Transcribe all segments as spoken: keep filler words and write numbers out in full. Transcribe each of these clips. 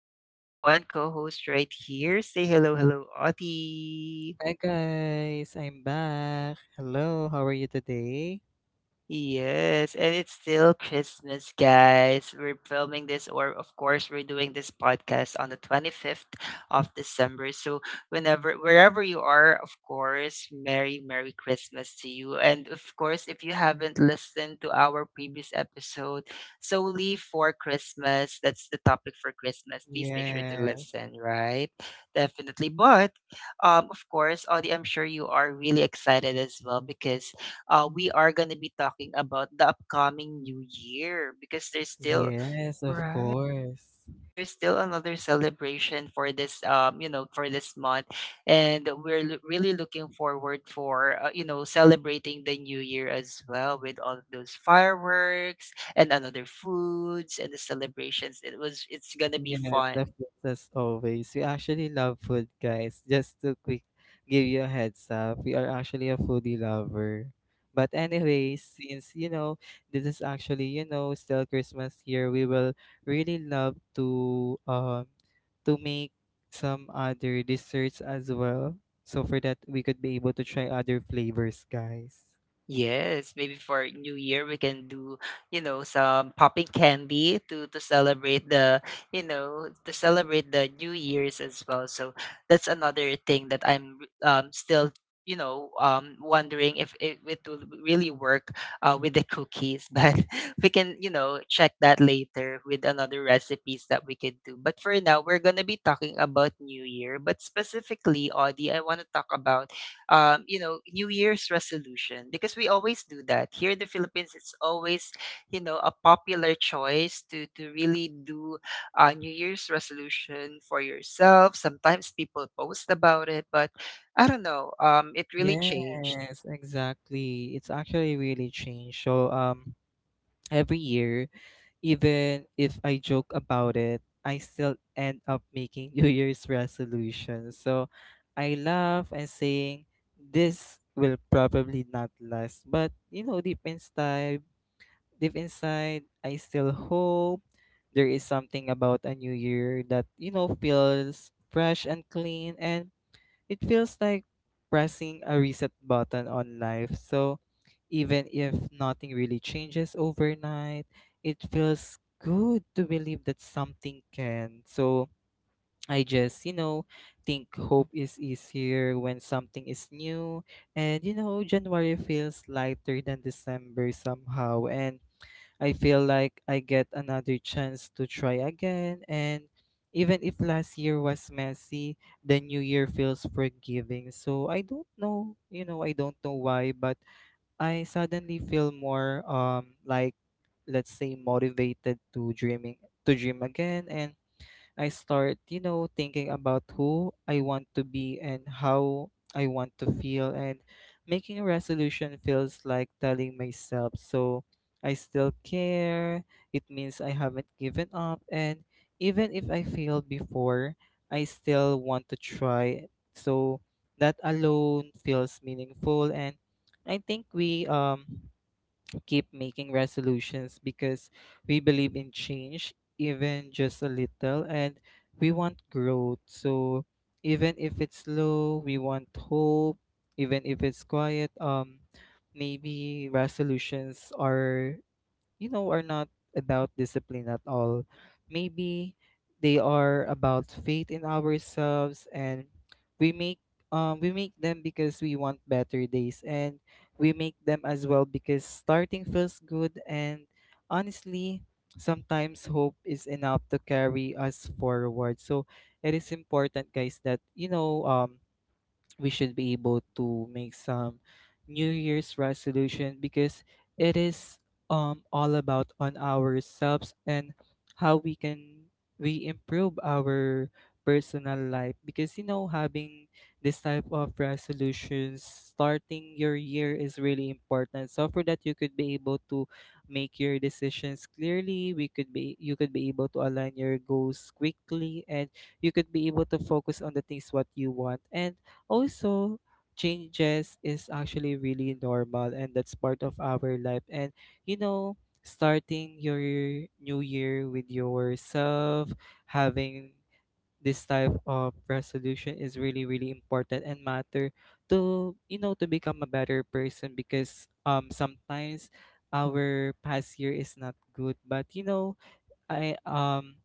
I only have one co host right here. Say hello, hello, Audie. Hi guys, I'm back. Hello, how are you today? Yes, and it's still Christmas, guys. We're filming this, or of course, we're doing this podcast on the twenty-fifth of December. So, whenever, wherever you are, of course, Merry, Merry Christmas to you. And of course, if you haven't listened to our previous episode, solely for Christmas, that's the topic for Christmas. Please make sure to Yeah, listen, right? Definitely. But, um, of course, Audie, I'm sure you are really excited as well because uh, we are going to be talking about the upcoming new year because there's still yes, of right, course. there's still another celebration for this um you know, for this month. And we're lo- really looking forward for, uh, you know, celebrating the new year as well with all of those fireworks and another foods and the celebrations. It was it's going to be Yes, the fun. foods as always. We actually love food, guys. Just to quick give you a heads up, we are actually a foodie lover. But anyways, since you know this is actually you know still Christmas here, we will really love to um to make some other desserts as well. So for that, we could be able to try other flavors, guys. Yes, maybe for New Year we can do, you know, some popping candy to to celebrate the, you know, to celebrate the New Year's as well. So that's another thing that I'm um still, you know, um wondering if it, it will really work uh with the cookies, but we can, you know, check that later with another recipes that we could do. But for now, we're going to be talking about New Year, but specifically, Audie, I want to talk about um, you know, New Year's resolution because we always do that. Here in the Philippines, it's always, you know, a popular choice to to really do a New Year's resolution for yourself. Sometimes people post about it, but I don't know. Um, it really changed. Yes, exactly. It's actually really changed. So um every year, even if I joke about it, I still end up making New Year's resolutions. So I laugh and saying this will probably not last. But you know, deep inside deep inside I still hope there is something about a new year that, you know, feels fresh and clean, and it feels like pressing a reset button on life. So even if nothing really changes overnight, it feels good to believe that something can. So I just, you know, think hope is easier when something is new. And, you know, January feels lighter than December somehow. And I feel like I get another chance to try again. And even if last year was messy, the new year feels forgiving. So I don't know, you know, I don't know why, but I suddenly feel more um like, let's say, motivated to dreaming to dream again, and I start, you know, thinking about who I want to be and how I want to feel. And making a resolution feels like telling myself, so I still care. It means I haven't given up. And even if I failed before, I still want to try. So that alone feels meaningful. And I think we, um, to keep making resolutions because we believe in change, even just a little, and we want growth. So even if it's slow, we want hope. Even if it's quiet, um, maybe resolutions are you know are not about discipline at all. Maybe they are about faith in ourselves, and we make um, we make them because we want better days, and we make them as well because starting feels good. And honestly, sometimes hope is enough to carry us forward. So it is important, guys, that you know, um we should be able to make some new year's resolution because it is um all about on ourselves and how we can we improve our personal life, because you know, having this type of resolutions starting your year is really important. So for that, you could be able to make your decisions clearly, we could be you could be able to align your goals quickly, and you could be able to focus on the things what you want. And also, changes is actually really normal, and that's part of our life. And you know, starting your new year with yourself, having this type of resolution is really, really important and matter to, you know, to become a better person. Because um sometimes our past year is not good, but you know, I um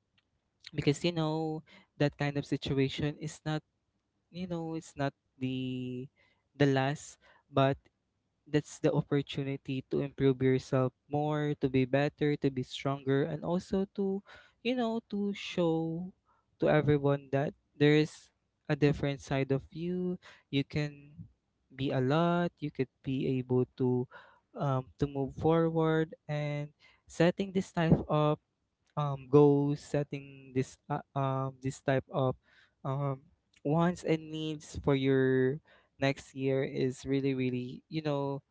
because you know that kind of situation is not, you know, it's not the the last, but that's the opportunity to improve yourself more, to be better, to be stronger, and also to, you know, to show to everyone that there is a different side of you. You can be a lot, you could be able to, um, to move forward. And setting this type of um go setting this uh, um this type of um wants and needs for your next year is really, really, you know,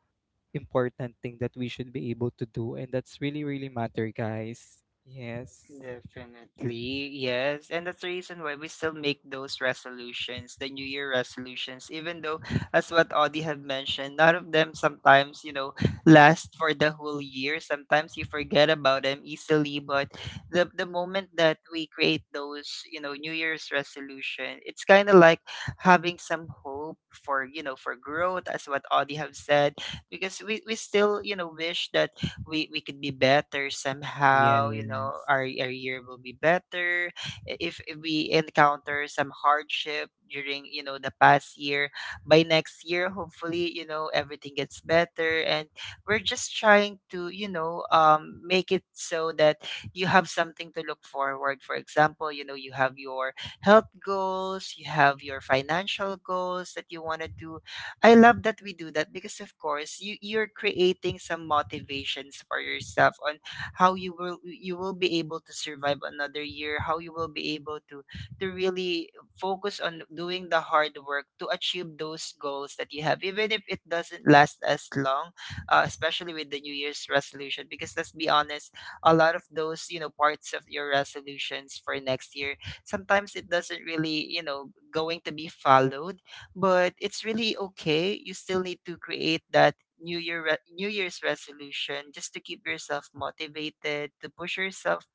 important thing that we should be able to do. And that's really, really matter, guys. Yes Definitely, yes. And that's the reason why we still make those resolutions, the New Year resolutions, even though, as what Audie have mentioned, none of them sometimes, you know, last for the whole year. Sometimes you forget about them easily, but the, the moment that we create those, you know, New Year's resolution, it's kind of like having some hope for, you know, for growth, as what Audie have said, because we, we still, you know, wish that we we could be better somehow. You know, yes. our, our year will be better. I- if, if we encounter some hardship during, you know, the past year, by next year hopefully, you know, everything gets better, and we're just trying to, you know, um, make it so that you have something to look forward. For example, you know, you have your health goals, you have your financial goals that you want to do. I love that we do that because of course you you're creating some motivations for yourself on how you will you will be able to survive another year, how you will be able to to really focus on doing the hard work to achieve those goals that you have, even if it doesn't last as long, uh, especially with the new year's resolution. Because let's be honest, a lot of those, you know, parts of your resolutions for next year, sometimes it doesn't really, you know, going to be followed, but it's really okay. You still need to create that New Year re- New Year's resolution just to keep yourself motivated, to push yourself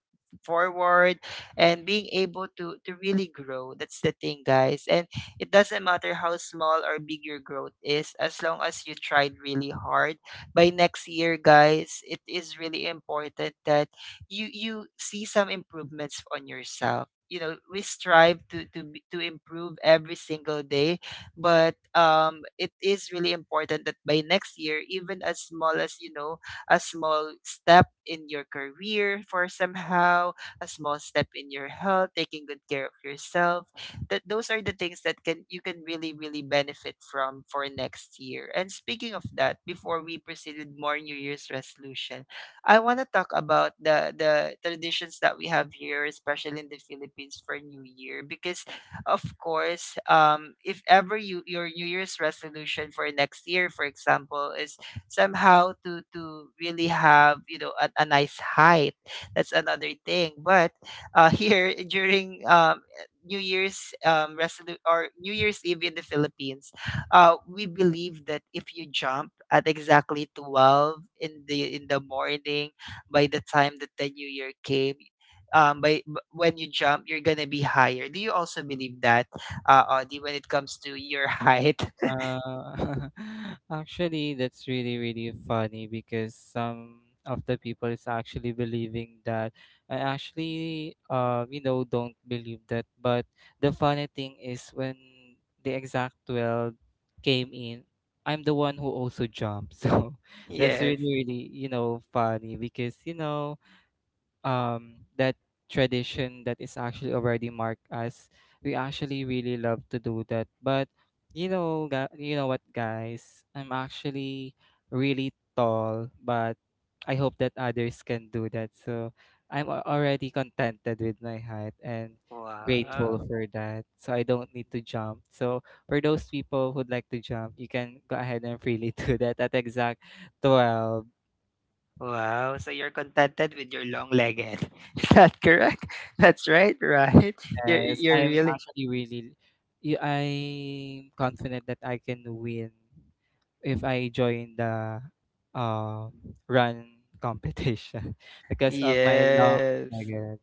forward and being able to to really grow. That's the thing, guys. And it doesn't matter how small or big your growth is, as long as you tried really hard. By next year, guys, it is really important that you you see some improvements on yourself. You know, we strive to to be- to improve every single day, but um it is really important that by next year, even as small as, you know, a small step in your career for somehow, a small step in your health, taking good care of yourself. That Those are the things that can you can really really benefit from for next year. And speaking of that, before we proceed with more New Year's resolution, I want to talk about the the traditions that we have here, especially in the Philippines for New Year, because of course, um, if ever you your New Year's resolution for next year, for example, is somehow to to really have, you know, a, a nice height, that's another thing. But uh, here during um, New Year's um, resolu- or New Year's Eve in the Philippines, uh, we believe that if you jump at exactly twelve in the in the morning, by the time that the New Year came, um, by b- when you jump, you're gonna be higher. Do you also believe that, uh, Audie, when it comes to your height? Uh, actually, that's really, really funny, because some of the people is actually believing that. I actually, uh, you know, don't believe that. But the funny thing is, when the exact twelve came in, I'm the one who also jumped. So that's Yes. really, really, you know, funny because, you know, um that tradition that is actually already marked as we actually really love to do that. But you know gu- you know what guys, I'm actually really tall, but I hope that others can do that. So i'm al- already contented with my height and grateful Wow. for that, so I don't need to jump. So for those people who'd like to jump, you can go ahead and freely do that at exact twelve. Wow, so you're contented with your long leg end. Is that correct? That's right, right? You're Yes, you're I'm really actually really y- I'm confident that I can win if I join the um run competition because of my long Yes. legged.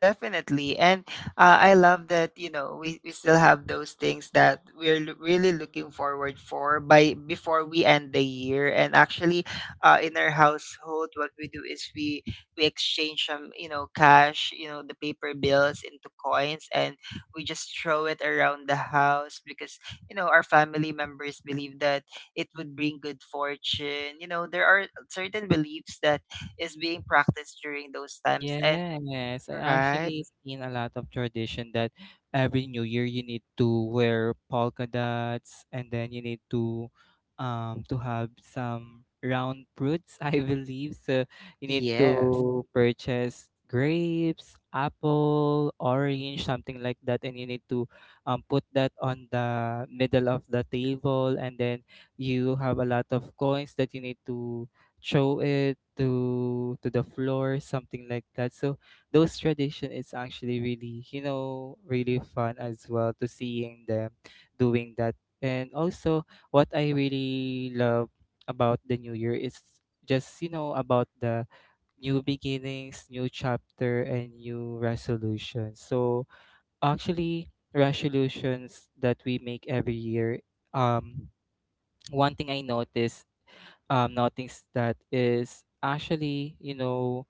Definitely. And uh, I love that, you know, we, we still have those things that we're lo- really looking forward for by before we end the year. And actually, uh, in our household, what we do is we we exchange some, you know, cash, you know, the paper bills into coins, and we just throw it around the house because, you know, our family members believe that it would bring good fortune. You know, there are certain beliefs that is being practiced during those times. And Yes, I right, actually seen a lot of tradition that every New Year you need to wear polka dots, and then you need to um to have some round fruits, I believe. So you need yes, to purchase grapes, apple, orange, something like that, and you need to um put that on the middle of the table, and then you have a lot of coins that you need to throw it to to the floor, something like that. So those tradition is actually really, you know, really fun as well to seeing them doing that. And also what I really love about the new year is just, you know, about the new beginnings, new chapter, and new resolutions. So actually resolutions that we make every year, um one thing I noticed um, now, that is actually you know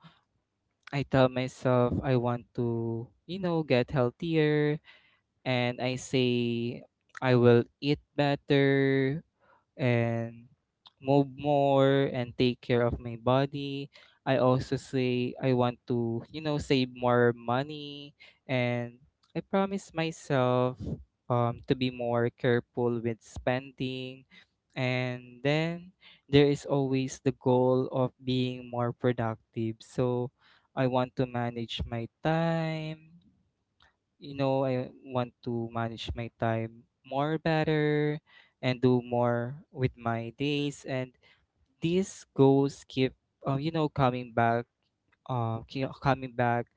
I tell myself I want to, you know, get healthier, and I say I will eat better and move more and take care of my body. I also say I want to, you know, save more money, and I promise myself, um, to be more careful with spending. And then there is always the goal of being more productive. So I want to manage my time, you know, I want to manage my time more better and do more with my days. And these goals keep, uh, you know, coming back, uh, ki- coming back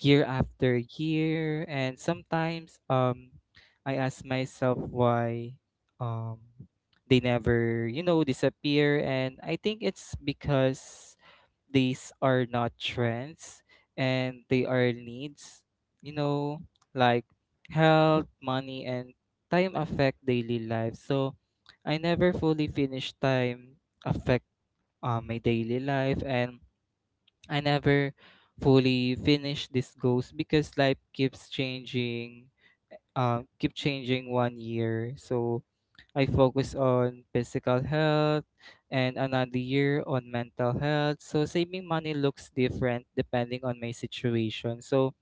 year after year. And sometimes um, I ask myself why um, they never, you know, disappear. And I think it's because these are not trends, and they are needs, you know, like health, money, and time affect daily life. So I never fully finish time affect uh, my daily life, and I never fully finish these goals because life keeps changing, uh, keep changing one year. So I focus on physical health and another year on mental health. So saving money looks different depending on my situation. So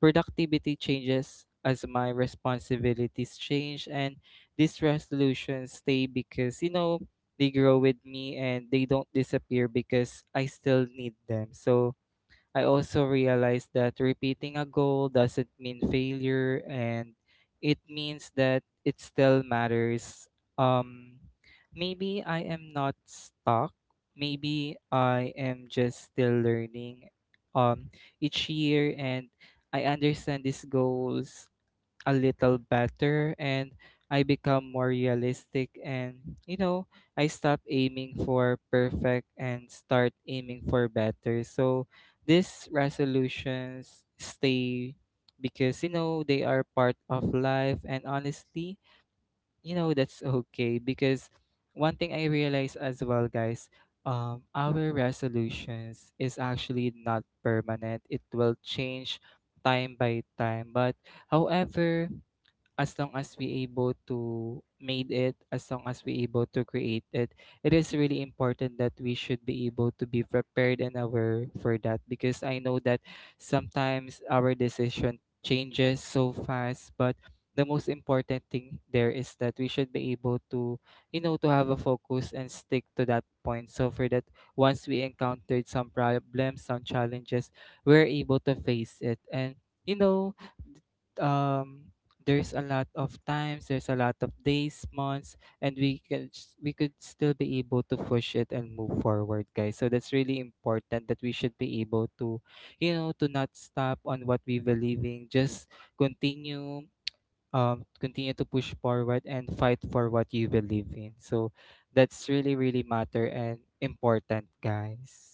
productivity changes as my responsibilities change, and these resolutions stay because you know they grow with me, and they don't disappear because I still need them. So I also realized that repeating a goal doesn't mean failure, and it means that it still matters. Um, maybe I am not stuck. Maybe I am just still learning, um, each year, and I understand these goals a little better, and I become more realistic. And you know, I stop aiming for perfect and start aiming for better. So these resolutions stay because you know they are part of life. And honestly, you know that's okay, because one thing I realize as well, guys, um, our resolutions is actually not permanent. It will change time by time. But however, as long as we able to made it, as long as we able to create it, it is really important that we should be able to be prepared and aware for that, because I know that sometimes our decision changes so fast. But the most important thing there is that we should be able to, you know, to have a focus and stick to that point. So for that, once we encountered some problems, some challenges, we're able to face it. And you know, um there's a lot of times, there's a lot of days, months, and we can s- we could still be able to push it and move forward, guys. So that's really important that we should be able to, you know, to not stop on what we believe in. Just continue, um, continue to push forward and fight for what you believe in. So that's really, really matter and important, guys.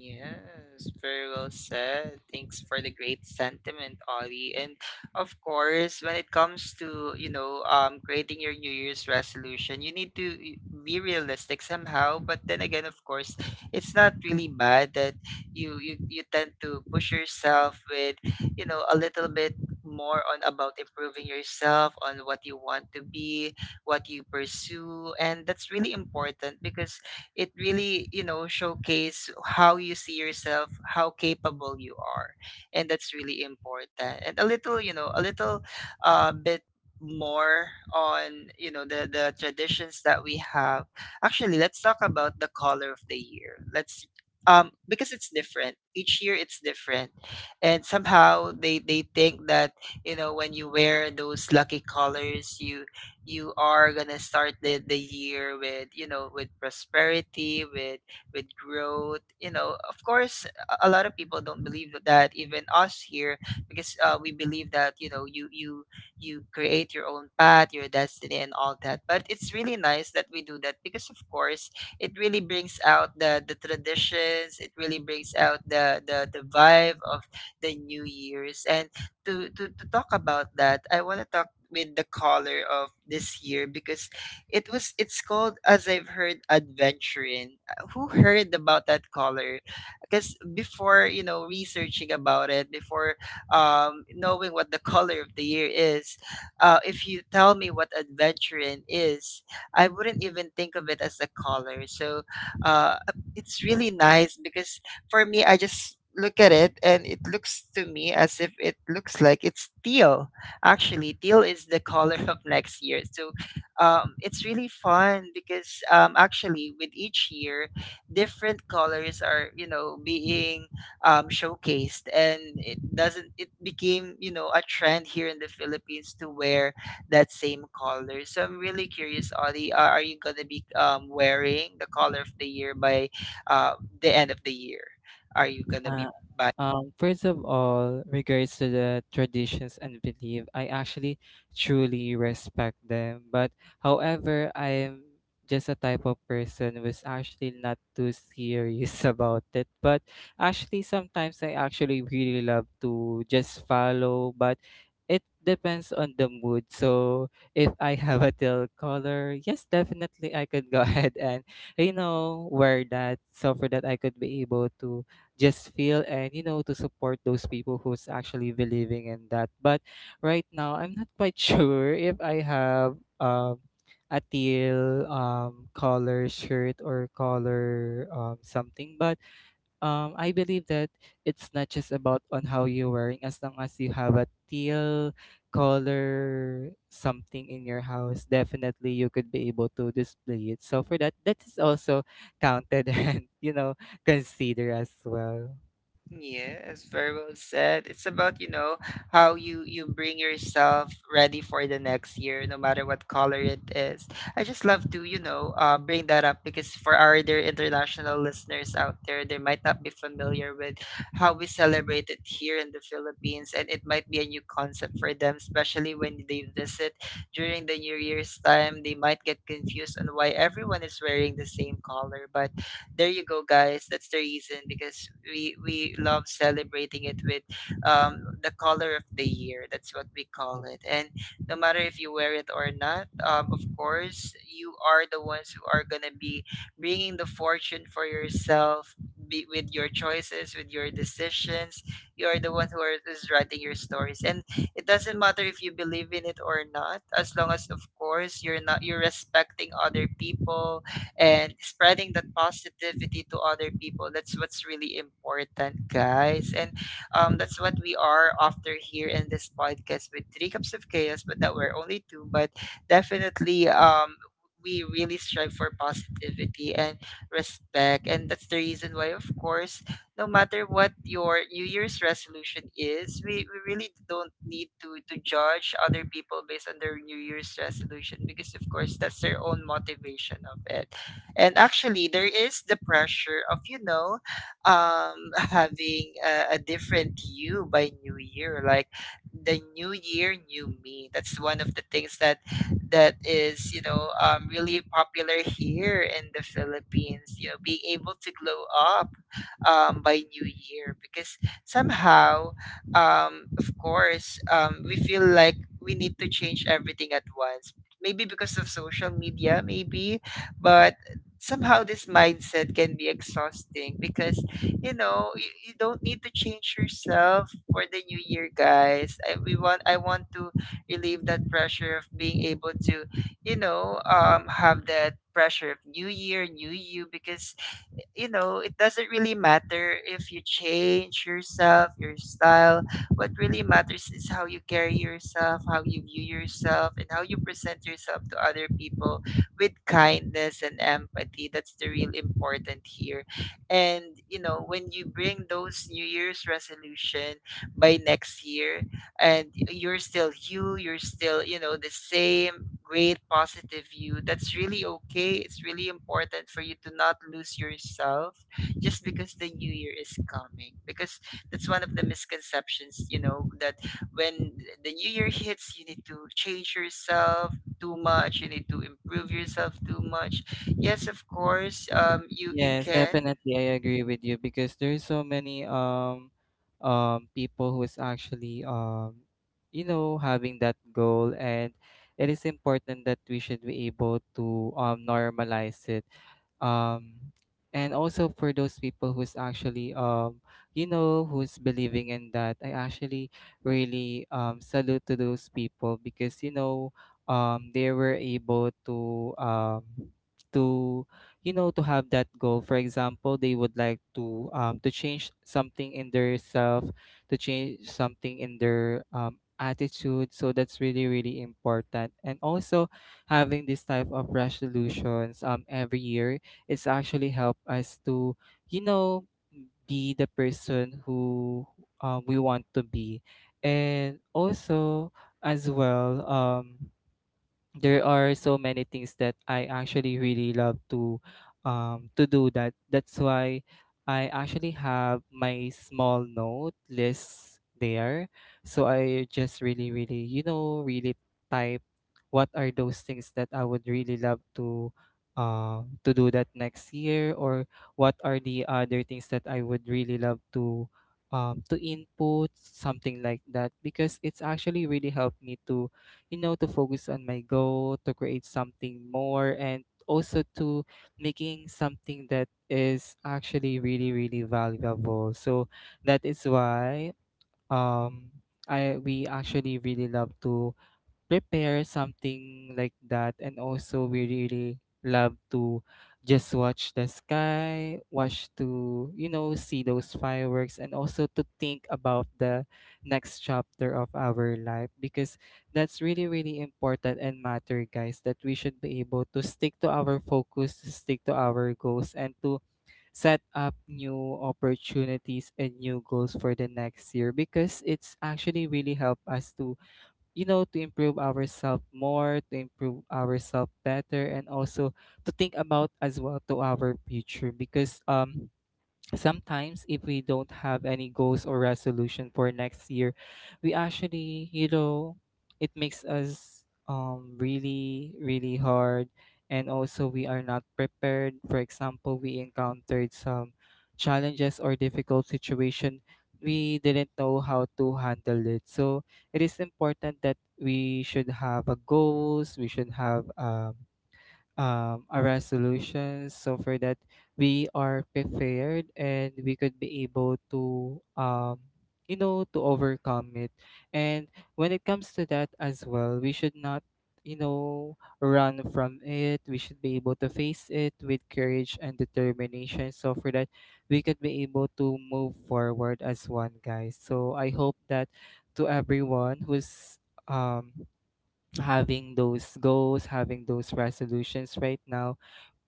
Mhm. very well said. Thanks for the great sentiment, Ollie. And of course, when it comes to, you know, um, creating your New Year's resolution, you need to y- be realistic somehow. But then again, of course, it's not really bad that you you, you tend to push yourself with, you know, a little bit more on about improving yourself on what you want to be, what you pursue, and that's really important because it really, you know, showcase how you see yourself, how capable you are, and that's really important. And a little, you know, a little uh, bit more on, you know, the the traditions that we have. Actually, let's talk about the color of the year. Let's um because it's different each year, it's different, and somehow they they think that, you know, when you wear those lucky colors, you you are gonna start the, the year with, you know, with prosperity, with with growth. You know, of course, a a lot of people don't believe that, even us here, because uh, we believe that, you know, you you you create your own path, your destiny, and all that. But it's really nice that we do that because of course, it really brings out the the traditions, it really brings out the the, the vibe of the new years. And to, to to talk about that, I want to talk with the caller of this year because it was it's called, as I've heard, Adventuring. Uh, Who heard about that caller? Because before, you know, researching about it, before um, knowing what the color of the year is, uh, if you tell me what Adventuring is, I wouldn't even think of it as a color. So uh, it's really nice because for me, I just look at it and it looks to me as if it looks like it's teal. Actually, teal is the color of next year. So um, it's really fun because um, actually, with each year, different colors are, you know, being um, showcased. And it doesn't, it became, you know, a trend here in the Philippines to wear that same color. So I'm really curious, Audie, are are you going to be um, wearing the color of the year by uh, the end of the year? Are you gonna be Uh, buying? um, first of all, regards to the traditions and belief, I actually truly respect them. But however, I am just a type of person who's actually not too serious about it. But actually, sometimes I actually really love to just follow, but it depends on the mood. So if I have a teal color, yes, definitely I could go ahead and, you know, wear that, so for that I could be able to just feel and you know to support those people who's actually believing in that. But right now I'm not quite sure if I have um a teal um color shirt or color um something. But um I believe that it's not just about on how you're wearing. As long as you have a teal color something in your house, definitely you could be able to display it, so for that, that is also counted and, you know consider as well. Yes, very well said. It's about, you know, how you you bring yourself ready for the next year, no matter what color it is. I just love to, you know, uh, bring that up because for our dear international listeners out there, they might not be familiar with how we celebrate it here in the Philippines, and it might be a new concept for them, especially when they visit during the New Year's time. They might get confused on why everyone is wearing the same color, but there you go, guys, that's the reason because we we love celebrating it with um, the color of the year, that's what we call it. And no matter if you wear it or not, um, of course, you are the ones who are going to be bringing the fortune for yourself, be, with your choices, with your decisions. You are the one who are, is writing your stories, and it doesn't matter if you believe in it or not, as long as, of course, you're not you're respecting other people and spreading that positivity to other people. That's what's really important, guys. And um, that's what we are after here in this podcast with Three Cups of Chaos, but that we're only two, but definitely um, we really strive for positivity and respect. And that's the reason why, of course, no matter what your New Year's resolution is, we, we really don't need to, to judge other people based on their New Year's resolution because, of course, that's their own motivation of it. And actually, there is the pressure of, you know, um, having a, a different you by New Year. Like the New Year, new me. That's one of the things that that is, you know, um, really popular here in the Philippines. You know, being able to glow up um, by New Year because somehow, um, of course, um, we feel like we need to change everything at once. Maybe because of social media, maybe, but somehow this mindset can be exhausting because you know you, you don't need to change yourself for the new year, guys. I, we want i want to relieve that pressure of being able to you know um have that pressure of new year, new you. Because you know, it doesn't really matter if you change yourself, your style. What really matters is how you carry yourself, how you view yourself, and how you present yourself to other people with kindness and empathy. That's the real important here. And, you know, when you bring those New Year's resolution by next year, and you're still you you're still, you know, the same great positive you, that's really okay. It's really important for you to not lose yourself just because the new year is coming. Because that's one of the misconceptions, you know, that when the new year hits, you need to change yourself too much, you need to improve yourself too much. Yes, of course, um you you Yes, Yes, can. definitely. I agree with you because there's so many um um people who is actually, um you know having that goal. And it is important that we should be able to um normalize it. um and also for those people who's actually, um you know who's believing in that, I actually really um salute to those people because, you know um they were able to um to you know to have that goal. For example, they would like to um to change something in their self, to change something in their um attitude. So that's really, really important. And also, having this type of resolutions um every year, it's actually helped us to, you know be the person who um, we want to be. And also, as well, um there are so many things that I actually really love to um to do that that's why I actually have my small note list there. So I just really, really, you know really type what are those things that I would really love to um to do that next year, or what are the other things that I would really love to um to input something like that, because it's actually really helped me to, you know, to focus on my goal, to create something more, and also to making something that is actually really, really valuable. So that is why, um I we actually really love to prepare something like that. And also, we really love to just watch the sky, watch to, you know, see those fireworks, and also to think about the next chapter of our life, because that's really, really important and matter, guys, that we should be able to stick to our focus, to stick to our goals, and to set up new opportunities and new goals for the next year, because it's actually really help us to, you know to improve ourselves more, to improve ourselves better, and also to think about as well to our future. Because um sometimes if we don't have any goals or resolution for next year, we actually, you know it makes us um really, really hard. And also we are not prepared. For example, we encountered some challenges or difficult situation, we didn't know how to handle it. So it is important that we should have a goals, we should have um um, our resolutions, so for that we are prepared and we could be able to, um, you know to overcome it. And when it comes to that as well, we should not, you know run from it. We should be able to face it with courage and determination, so for that we could be able to move forward as one, guys. So I hope that to everyone who's um having those goals, having those resolutions right now,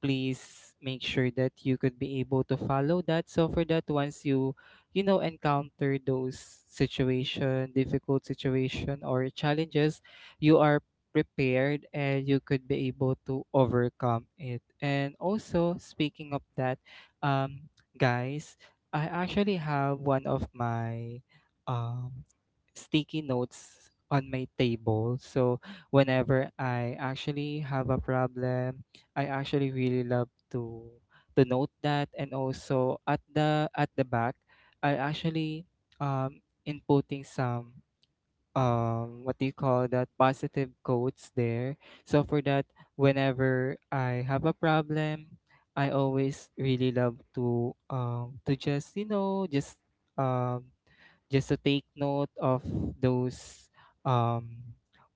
please make sure that you could be able to follow that. So for that, once you, you know, encounter those situation, difficult situation or challenges, you are prepared and you could be able to overcome it. And also, speaking of that, um, guys, I actually have one of my um sticky notes on my table. So whenever I actually have a problem, I actually really love to to note that. And also, at the at the back, I actually um inputting some um what do you call that, positive quotes there. So for that, whenever I have a problem, I always really love to um to just you know just um just to take note of those, um,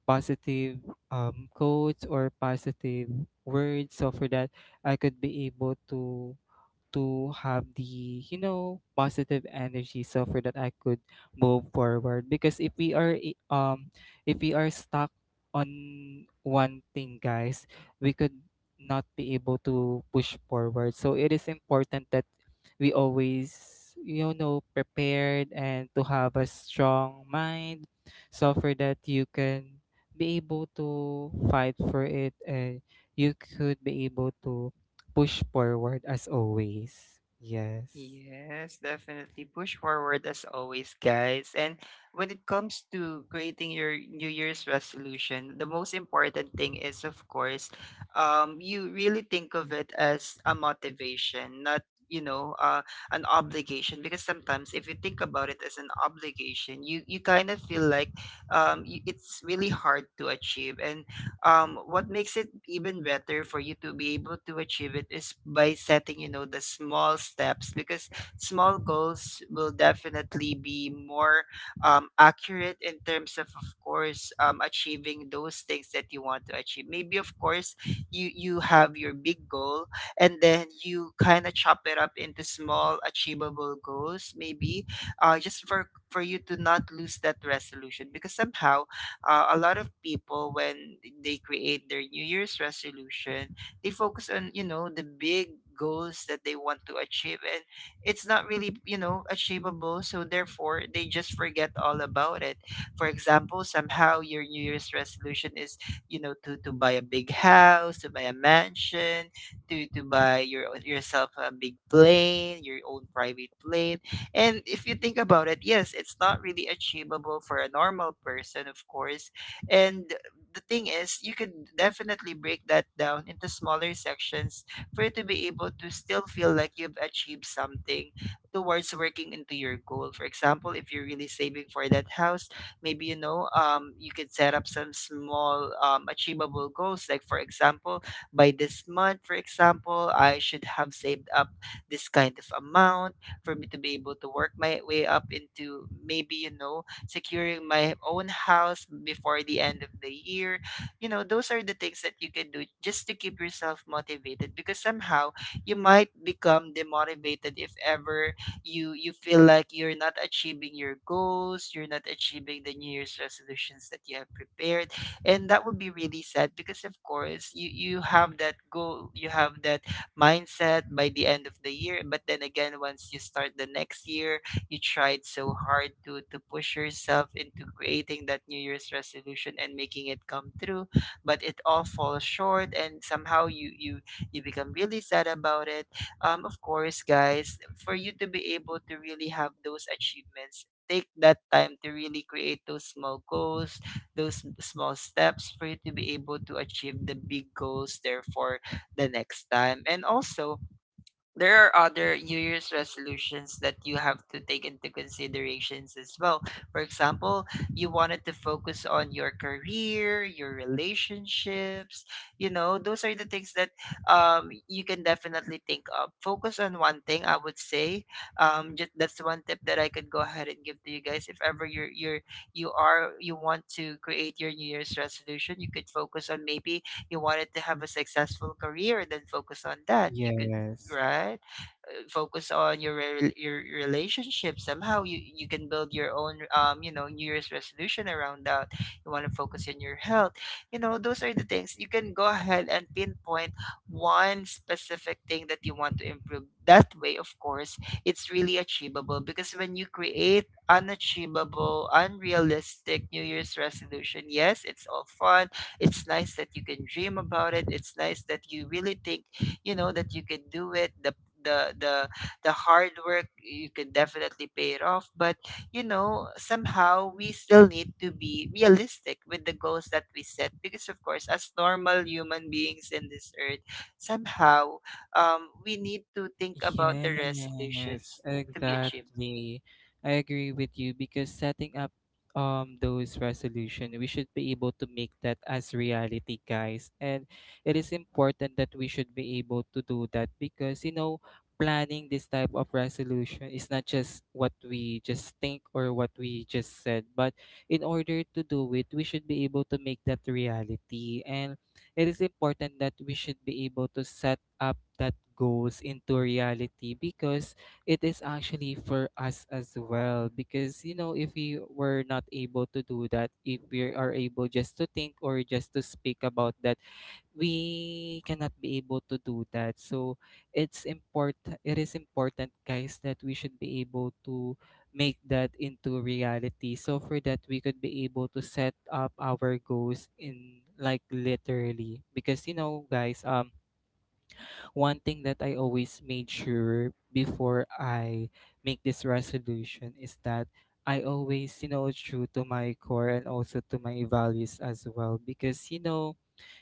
positive, um, quotes or positive words, so for that I could be able to to have the, you know positive energy, so for that I could move forward. Because if we are i- um if we are stuck on one thing, guys, we could not be able to push forward. So it is important that we always, you know prepared and to have a strong mind, so for that you can be able to fight for it, and you could be able to push forward as always. Yes. Yes, definitely. Push forward as always, guys. And when it comes to creating your New Year's resolution, the most important thing is, of course, um, you really think of it as a motivation, not, you know, uh, an obligation. Because sometimes if you think about it as an obligation, you, you kind of feel like um, you, it's really hard to achieve. And um, what makes it even better for you to be able to achieve it is by setting, you know, the small steps. Because small goals will definitely be more um, accurate in terms of of course, um, achieving those things that you want to achieve. Maybe, of course, you you have your big goal and then you kind of chop it up into small achievable goals. Maybe uh, just for for you to not lose that resolution. Because somehow uh, a lot of people, when they create their new year's resolution, they focus on, you know, the big goals that they want to achieve, and it's not really, you know, achievable, so therefore they just forget all about it. For example, somehow your new year's resolution is, you know, to to buy a big house, to buy a mansion, to to buy your yourself a big plane, your own private plane. And if you think about it, yes, it's not really achievable for a normal person, of course. And the thing is, you could definitely break that down into smaller sections for you to be able to still feel like you've achieved something towards working into your goal. For example, if you're really saving for that house, maybe you know, um, you could set up some small um, achievable goals. Like for example, by this month, for example, I should have saved up this kind of amount for me to be able to work my way up into, maybe, you know, securing my own house before the end of the year. You know, those are the things that you can do just to keep yourself motivated. Because somehow you might become demotivated if ever you you feel like you're not achieving your goals, you're not achieving the New Year's resolutions that you have prepared. And that would be really sad because, of course, you you have that goal, you have that mindset by the end of the year. But then again, once you start the next year, you tried so hard to to push yourself into creating that New Year's resolution and making it come through, but it all falls short, and somehow you you you become really sad about it. Um, of course, guys, for you to be able to really have those achievements. Take that time to really create those small goals, those small steps for you to be able to achieve the big goals. Therefore, the next time. And also, there are other New Year's resolutions that you have to take into considerations as well. For example, you wanted to focus on your career, your relationships. You know, those are the things that um, you can definitely think of. Focus on one thing, I would say. Um, just that's one tip that I could go ahead and give to you guys. If ever you're you're you are you want to create your New Year's resolution, you could focus on maybe you wanted to have a successful career, then focus on that. You could, Yes. right? Uh, Focus on your re- your relationship. Somehow you you can build your own um you know New Year's resolution around that. You want to focus on your health. You know, those are the things you can go ahead and pinpoint one specific thing that you want to improve. That way, of course, it's really achievable. Because when you create unachievable, unrealistic New Year's resolution, yes, it's all fun. It's nice that you can dream about it. It's nice that you really think, you know, that you can do it, the the the the hard work, you can definitely pay it off. But you know, somehow we still need to be realistic with the goals that we set, because of course, as normal human beings in this earth, somehow um, we need to think about the Yes, resolutions to be achieved. exactly. I agree with you, because setting up um those resolution, we should be able to make that as reality, guys. And it is important that we should be able to do that because, you know, planning this type of resolution is not just what we just think or what we just said, but in order to do it, we should be able to make that reality. And it is important that we should be able to set up that goals into reality, because it is actually for us as well. Because, you know if we were not able to do that, if we are able just to think or just to speak about that, we cannot be able to do that. So it's important, it is important, guys, that we should be able to make that into reality. So for that we could be able to set up our goals in, like, literally. Because, you know guys, um one thing that I always made sure before I make this resolution is that I always, you know, true to my core and also to my values as well. Because, you know,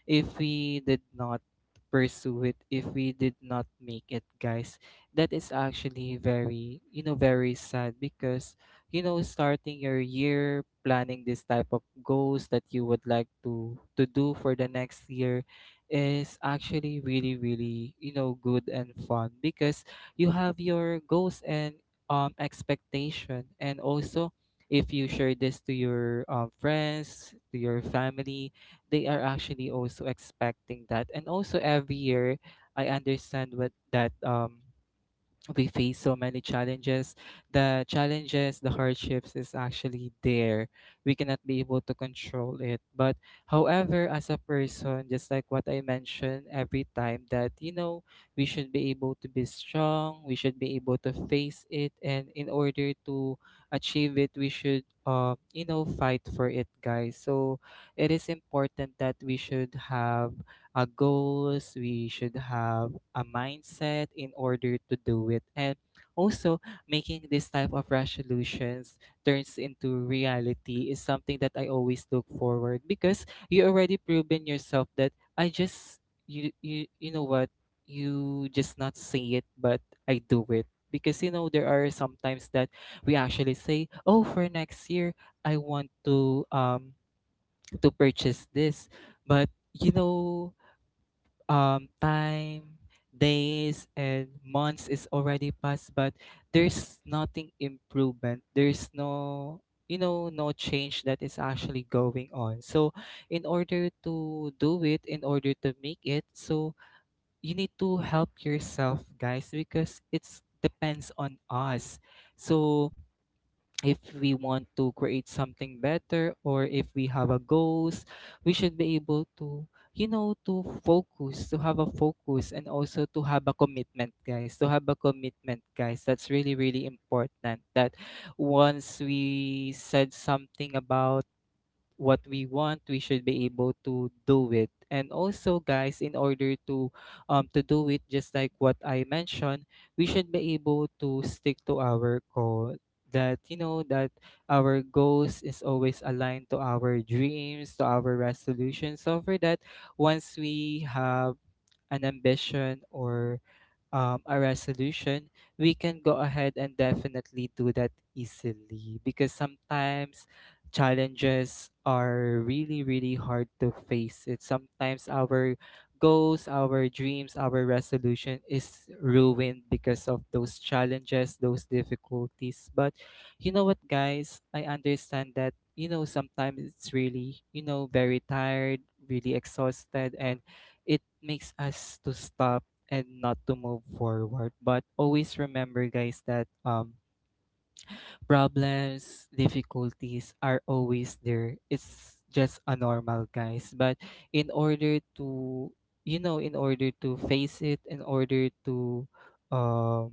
if we did not pursue it, if we did not make it, guys, that is actually very, you know very sad. Because, you know starting your year planning this type of goals that you would like to to do for the next year is actually really, really, you know good and fun. Because you have your goals and um expectation. And also, if you share this to your, um, friends, to your family, they are actually also expecting that. And also every year, I understand what that um we face so many challenges. The challenges, the hardships is actually there. We cannot be able to control it. But however, as a person, just like what I mentioned every time, that, you know we should be able to be strong, we should be able to face it, and in order to achieve it, we should, uh, you know fight for it, guys. So it is important that we should have, uh, goals, we should have a mindset in order to do it. And also, making this type of resolutions turns into reality is something that I always look forward, because you already proven yourself that I just you you, you know what you just not say it but I do it. Because, you know there are sometimes that we actually say, oh, for next year I want to um to purchase this. But, you know um time, days and months is already passed, but there's nothing improvement, there's no, you know no change that is actually going on. So in order to do it, in order to make it, so you need to help yourself, guys, because it's depends on us. So if we want to create something better, or if we have a goals, we should be able to, you know to focus, to have a focus, and also to have a commitment, guys, to have a commitment, guys. That's really, really important, that once we said something about what we want, we should be able to do it. And also, guys, in order to um to do it, just like what I mentioned, we should be able to stick to our goal. That, you know that our goals is always aligned to our dreams, to our resolutions. So for that, once we have an ambition or, um, a resolution, we can go ahead and definitely do that easily. Because sometimes challenges are really, really hard to face. It sometimes our goals, our dreams, our resolution is ruined because of those challenges, those difficulties. But, you know what, guys? I understand that, you know, sometimes it's really, you know, very tired, really exhausted, and it makes us to stop and not to move forward. But always remember, guys, that, um, problems, difficulties are always there. It's just a normal, guys. But in order to, you know, in order to face it, in order to, um,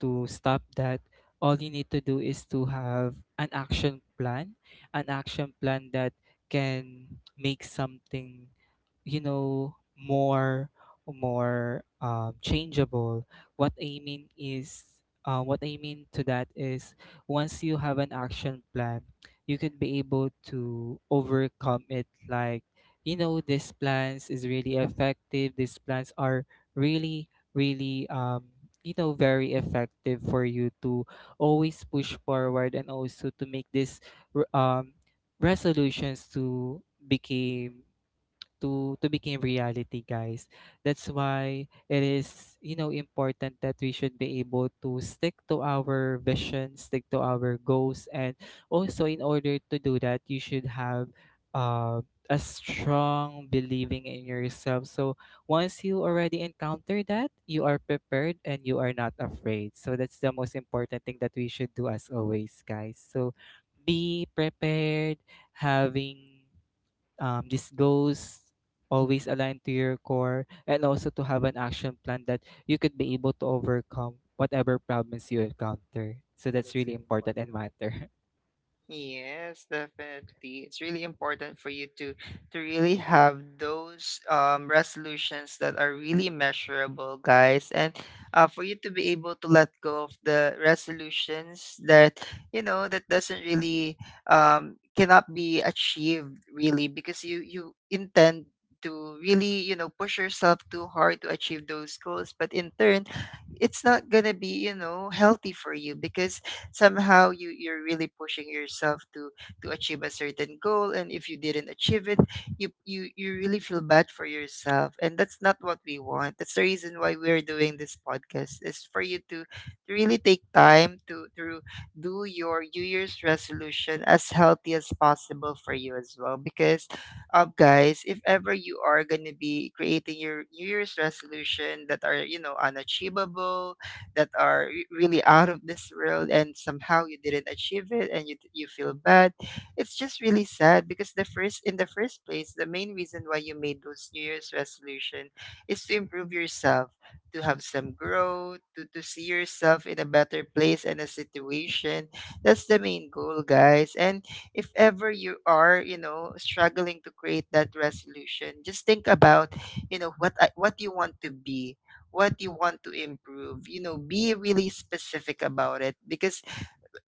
to stop that, all you need to do is to have an action plan, an action plan that can make something you know more more um, changeable. what i mean is uh, what I mean to that is once you have an action plan you could be able to overcome it. Like you know, these plans is really effective. These plans are really, really um you know, very effective for you to always push forward and also to make this r- um resolutions to become, to to become reality, guys. That's why it is, you know, important that we should be able to stick to our vision, stick to our goals. And also, in order to do that, you should have uh, a strong believing in yourself. So once you already encounter that, you are prepared and you are not afraid. So that's the most important thing that we should do as always, guys. So be prepared, having um, these goals always align to your core, and also to have an action plan that you could be able to overcome whatever problems you encounter. So that's really important and matter. Yes, definitely. It's really important for you to to really have those um resolutions that are really measurable, guys, and uh, for you to be able to let go of the resolutions that you know that doesn't really um cannot be achieved really. Because you you intend to really, you know, push yourself too hard to achieve those goals, but in turn, it's not gonna be, you know, healthy for you. Because somehow you you're really pushing yourself to to achieve a certain goal, and if you didn't achieve it, you you you really feel bad for yourself. And that's not what we want. That's the reason why we're doing this podcast, is for you to, to really take time to to do your new year's resolution as healthy as possible for you as well. Because um guys, if ever you are going to be creating your new year's resolution that are, you know, unachievable, that are re- really out of this world, and somehow you didn't achieve it and you, you feel bad, it's just really sad. Because the first, in the first place, the main reason why you made those new year's resolution is to improve yourself, to have some growth, to, to see yourself in a better place and a situation. That's the main goal, guys. And if ever you are, you know, struggling to create that resolution, just think about, you know, what I- what you want to be, what you want to improve. You know, be really specific about it. Because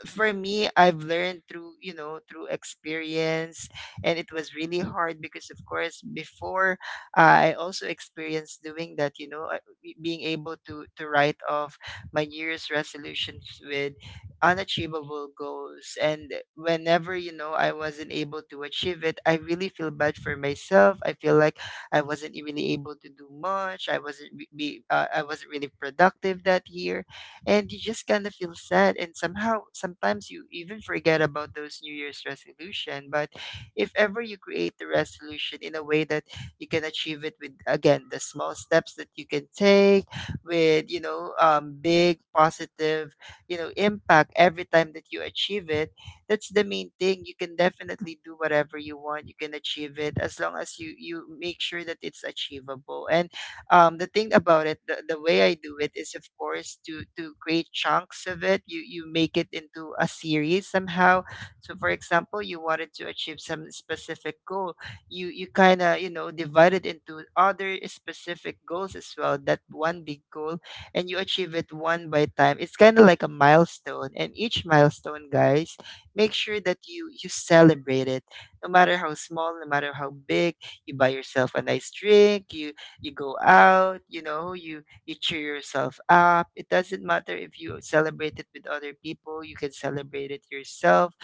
for me, I've learned through, you know, through experience. And it was really hard because, of course, before I also experienced doing that, you know, uh, be- being able to, to write off my New Year's resolutions with unachievable goals. And whenever, you know, I wasn't able to achieve it, I really feel bad for myself. I feel like I wasn't really able to do much. I wasn't re- be, uh, I wasn't really productive that year, and you just kind of feel sad, and somehow sometimes you even forget about those new year's resolution. But if ever you create the resolution in a way that you can achieve it with, again, the small steps that you can take with, you know um, big positive, you know impact every time that you achieve it, that's the main thing. You can definitely do whatever you want. You can achieve it as long as you you make sure that it's achievable. And um, the thing about it, the, the way I do it is, of course, to to create chunks of it. You you make it into a series somehow. So for example, you wanted to achieve some specific goal. You you kind of, you know, divide it into other specific goals as well, that one big goal, and you achieve it one by time. It's kind of like a milestone, and each milestone, guys, make sure that you you celebrate it, no matter how small, no matter how big. You buy yourself a nice drink, you you go out, you know, you you cheer yourself up. It doesn't matter if you celebrate it with other people, you can celebrate it yourself,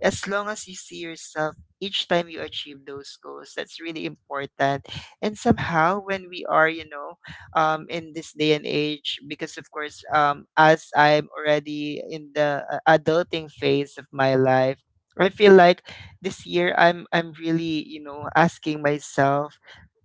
as long as you see yourself each time you achieve those goals. That's really important. And somehow when we are, you know, um, in this day and age, because of course, um, as I'm already in the uh, adulting phase of my life, I feel like this year i'm i'm really, you know, asking myself,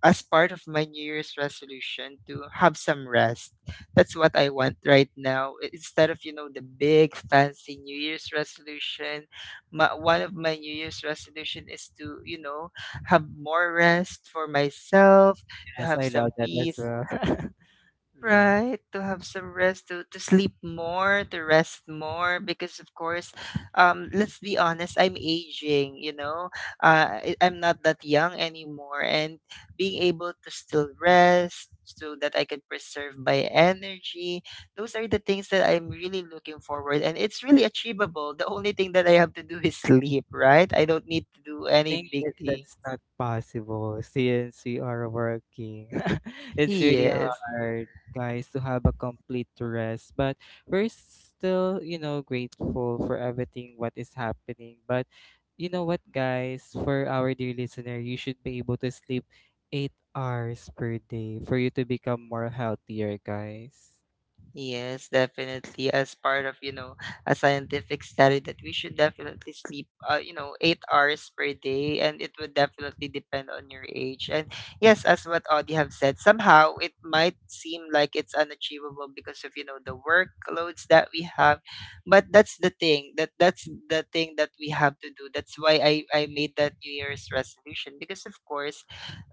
as part of my New Year's resolution, to have some rest. That's what I want right now. I- Instead of, you know, the big fancy New Year's resolution, my, one of my New Year's resolution is to, you know, have more rest for myself, to Yes, have I some love that as peace. well. Yeah. Right, to have some rest, to, to sleep more, to rest more, because of course, um, let's be honest, I'm aging, you know, uh, I- I'm not that young anymore, and being able to still rest so that I can preserve my energy, those are the things that I'm really looking forward, and it's really achievable. The only thing that I have to do is sleep, right? I don't need to do I any think big it, thing. that's not possible since we are working. It's really Yes. hard, guys, to have a complete rest. But we're still, you know, grateful for everything what is happening. But you know what, guys, for our dear listener, you should be able to sleep eight hours per day for you to become more healthier, guys. Yes, definitely. As part of, you know, a scientific study, that we should definitely sleep, uh, you know, eight hours per day, and it would definitely depend on your age. And yes, as what Audie have said, somehow it might seem like it's unachievable because of, you know, the workloads that we have. But that's the thing that that's the thing that we have to do. That's why I, I made that New Year's resolution, because of course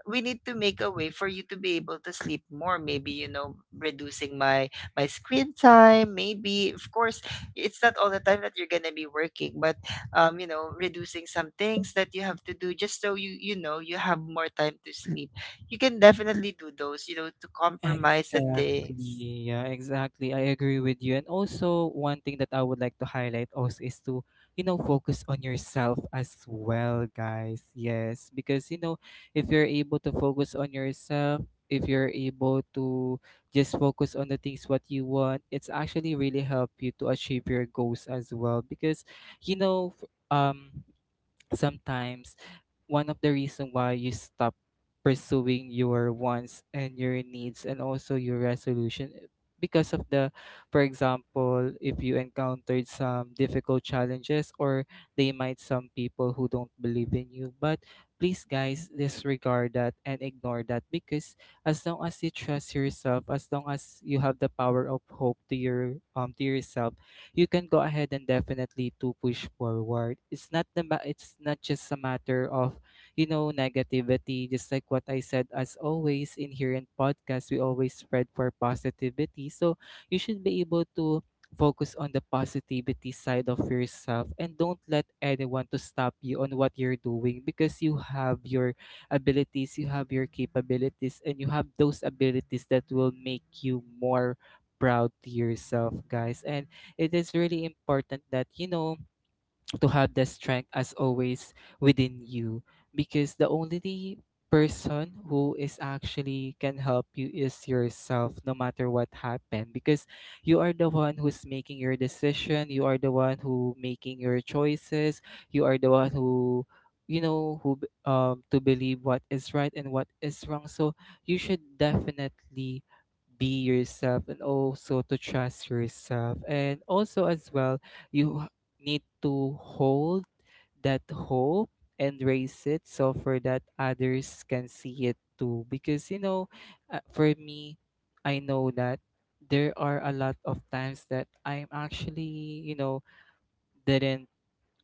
we need to make a way for you to be able to sleep more. Maybe, you know, reducing my my screen time, maybe. Of course, it's not all the time that you're going to be working, but um you know, reducing some things that you have to do, just so you you know, you have more time to sleep. You can definitely do those, you know, to compromise the things. Exactly. Yeah, exactly. I agree with you. And also, one thing that I would like to highlight also is to, you know, focus on yourself as well, guys. Yes, because, you know, if you're able to focus on yourself, if you're able to just focus on the things what you want, it's actually really help you to achieve your goals as well. Because, you know, f- um, sometimes one of the reason why you stop pursuing your wants and your needs and also your resolution, eh, because of the, for example, if you encountered some difficult challenges, or they might some people who don't believe in you. But please, guys, disregard that and ignore that, because as long as you trust yourself, as long as you have the power of hope to your um to yourself, you can go ahead and definitely to push forward. It's not the ma- it's not just a matter of, you know, negativity. Just like what I said, as always, in here in podcast, we always spread for positivity. So you should be able to focus on the positivity side of yourself and don't let anyone to stop you on what you're doing, because you have your abilities, you have your capabilities, and you have those abilities that will make you more proud to yourself, guys. And it is really important that, you know, to have the strength, as always, within you. Because the only person who is actually can help you is yourself, no matter what happened. Because you are the one who's making your decision, you are the one who making your choices, you are the one who, you know who b- um to believe what is right and what is wrong. So you should definitely be yourself and also to trust yourself. And also as well, you need to hold that hope and raise it so for that others can see it too. Because you know, uh, for me, I know that there are a lot of times that I'm actually, you know, didn't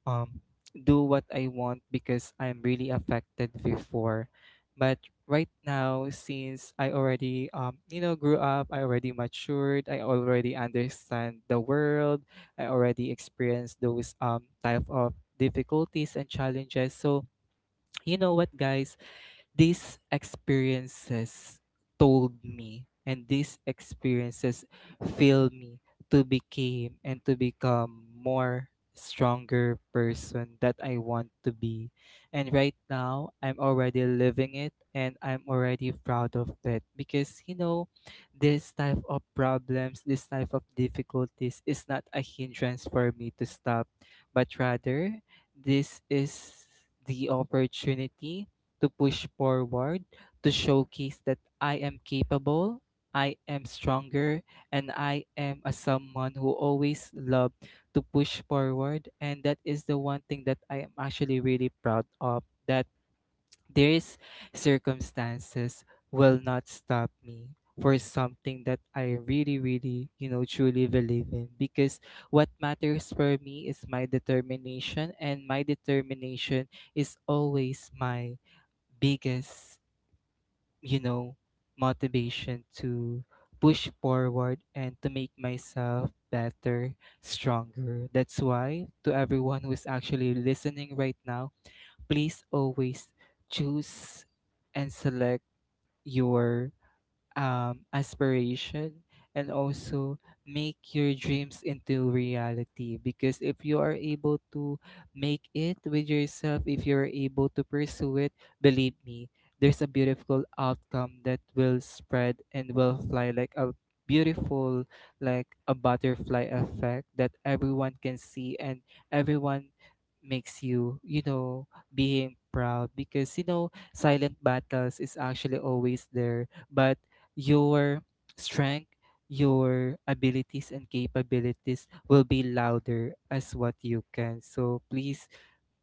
um, do what I want because I'm really affected before. But right now, since I already, um, you know, grew up, I already matured, I already understand the world, I already experienced those um, type of difficulties and challenges. So, you know what, guys? These experiences told me, and these experiences fill me to become and to become more stronger person that I want to be. And right now I'm already living it and I'm already proud of that, because you know, this type of problems, this type of difficulties is not a hindrance for me to stop, but rather this is the opportunity to push forward, to showcase that I am capable, I am stronger, and I am a someone who always loved to push forward. And that is the one thing that I am actually really proud of, that these circumstances will not stop me for something that I really, really, you know, truly believe in. Because what matters for me is my determination, and my determination is always my biggest, you know, motivation to push forward and to make myself better, stronger. That's why, to everyone who is actually listening right now, please always choose and select your um, aspiration, and also make your dreams into reality. Because if you are able to make it with yourself, if you're able to pursue it, believe me, there's a beautiful outcome that will spread and will fly like a beautiful, like a butterfly effect that everyone can see, and everyone makes you, you know, being proud. Because you know, silent battles is actually always there, but your strength, your abilities and capabilities will be louder as what you can. So please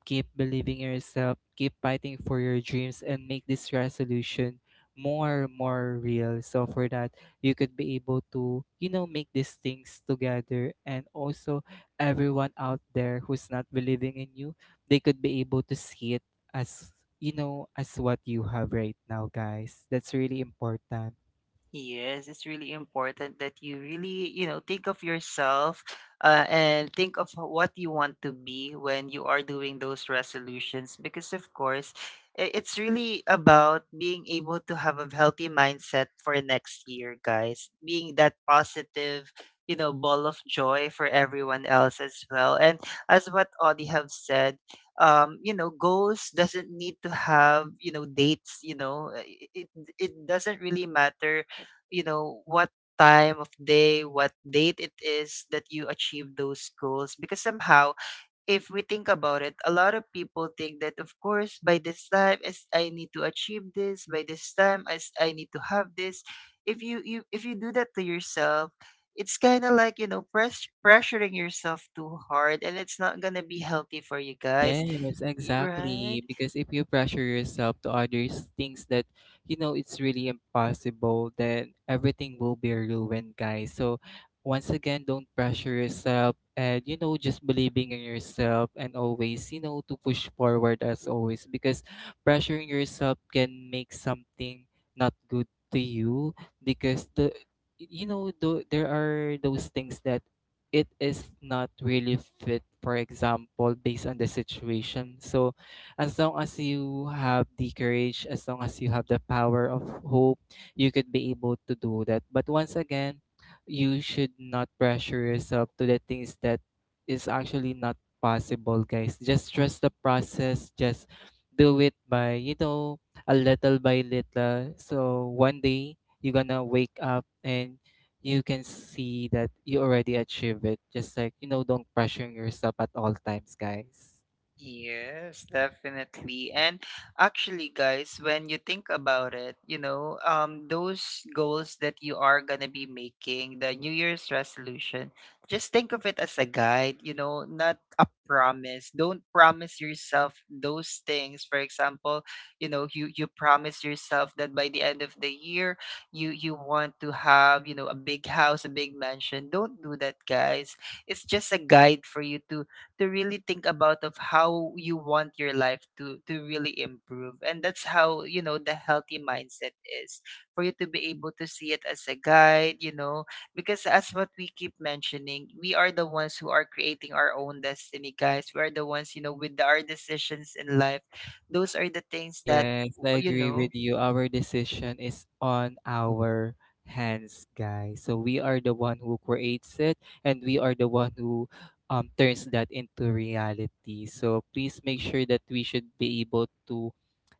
keep believing in yourself, keep fighting for your dreams, and make this resolution more more real. So for that, you could be able to, you know, make these things together. And also, everyone out there who's not believing in you, they could be able to see it as, you know, as what you have right now, guys. That's really important. Yes, it's really important that you really, you know, think of yourself, uh, and think of what you want to be when you are doing those resolutions. Because, of course, i- it's really about being able to have a healthy mindset for next year, guys. Being that positive, you know, ball of joy for everyone else as well. And as what Audie have said, um, you know, goals doesn't need to have, you know, dates, you know, uh, it, it it doesn't really matter, you know, what time of day, what date it is that you achieve those goals. Because somehow, if we think about it, a lot of people think that, of course, by this time is I need to achieve this, by this time as I need to have this. If you, you if you do that to yourself, it's kind of like, you know, press, pressuring yourself too hard, and it's not gonna be healthy for you, guys. Yes, Y- right. exactly. Because if you pressure yourself to others things that, you know, it's really impossible, then everything will be ruined, guys. So once again, don't pressure yourself, and you know, just believing in yourself and always, you know, to push forward as always. Because pressuring yourself can make something not good to you, because the, you know, the, there are those things that it is not really fit, for example, based on the situation. So as long as you have the courage, as long as you have the power of hope, you could be able to do that. But once again, you should not pressure yourself to the things that is actually not possible, guys. Just trust the process. Just do it by, you know, a little by little, so one day you're gonna wake up and you can see that you already achieve it. Just like, you know, don't pressuring yourself at all times, guys. Yes, definitely. And actually, guys, when you think about it, you know, um, those goals that you are gonna be making, the New Year's resolution, just think of it as a guide, you know, not a promise. Don't promise yourself those things. For example, you know, you you promise yourself that by the end of the year, you you want to have, you know, a big house, a big mansion. Don't do that, guys. It's just a guide for you to to really think about of how you want your life to to really improve. And that's how, you know, the healthy mindset is, for you to be able to see it as a guide, you know, because as what we keep mentioning, we are the ones who are creating our own destiny, guys. We are the ones, you know, with our decisions in life. Those are the things that, Yes, I you agree know. with you. Our decision is on our hands, guys. So we are the one who creates it, and we are the one who um turns that into reality. So please make sure that we should be able to,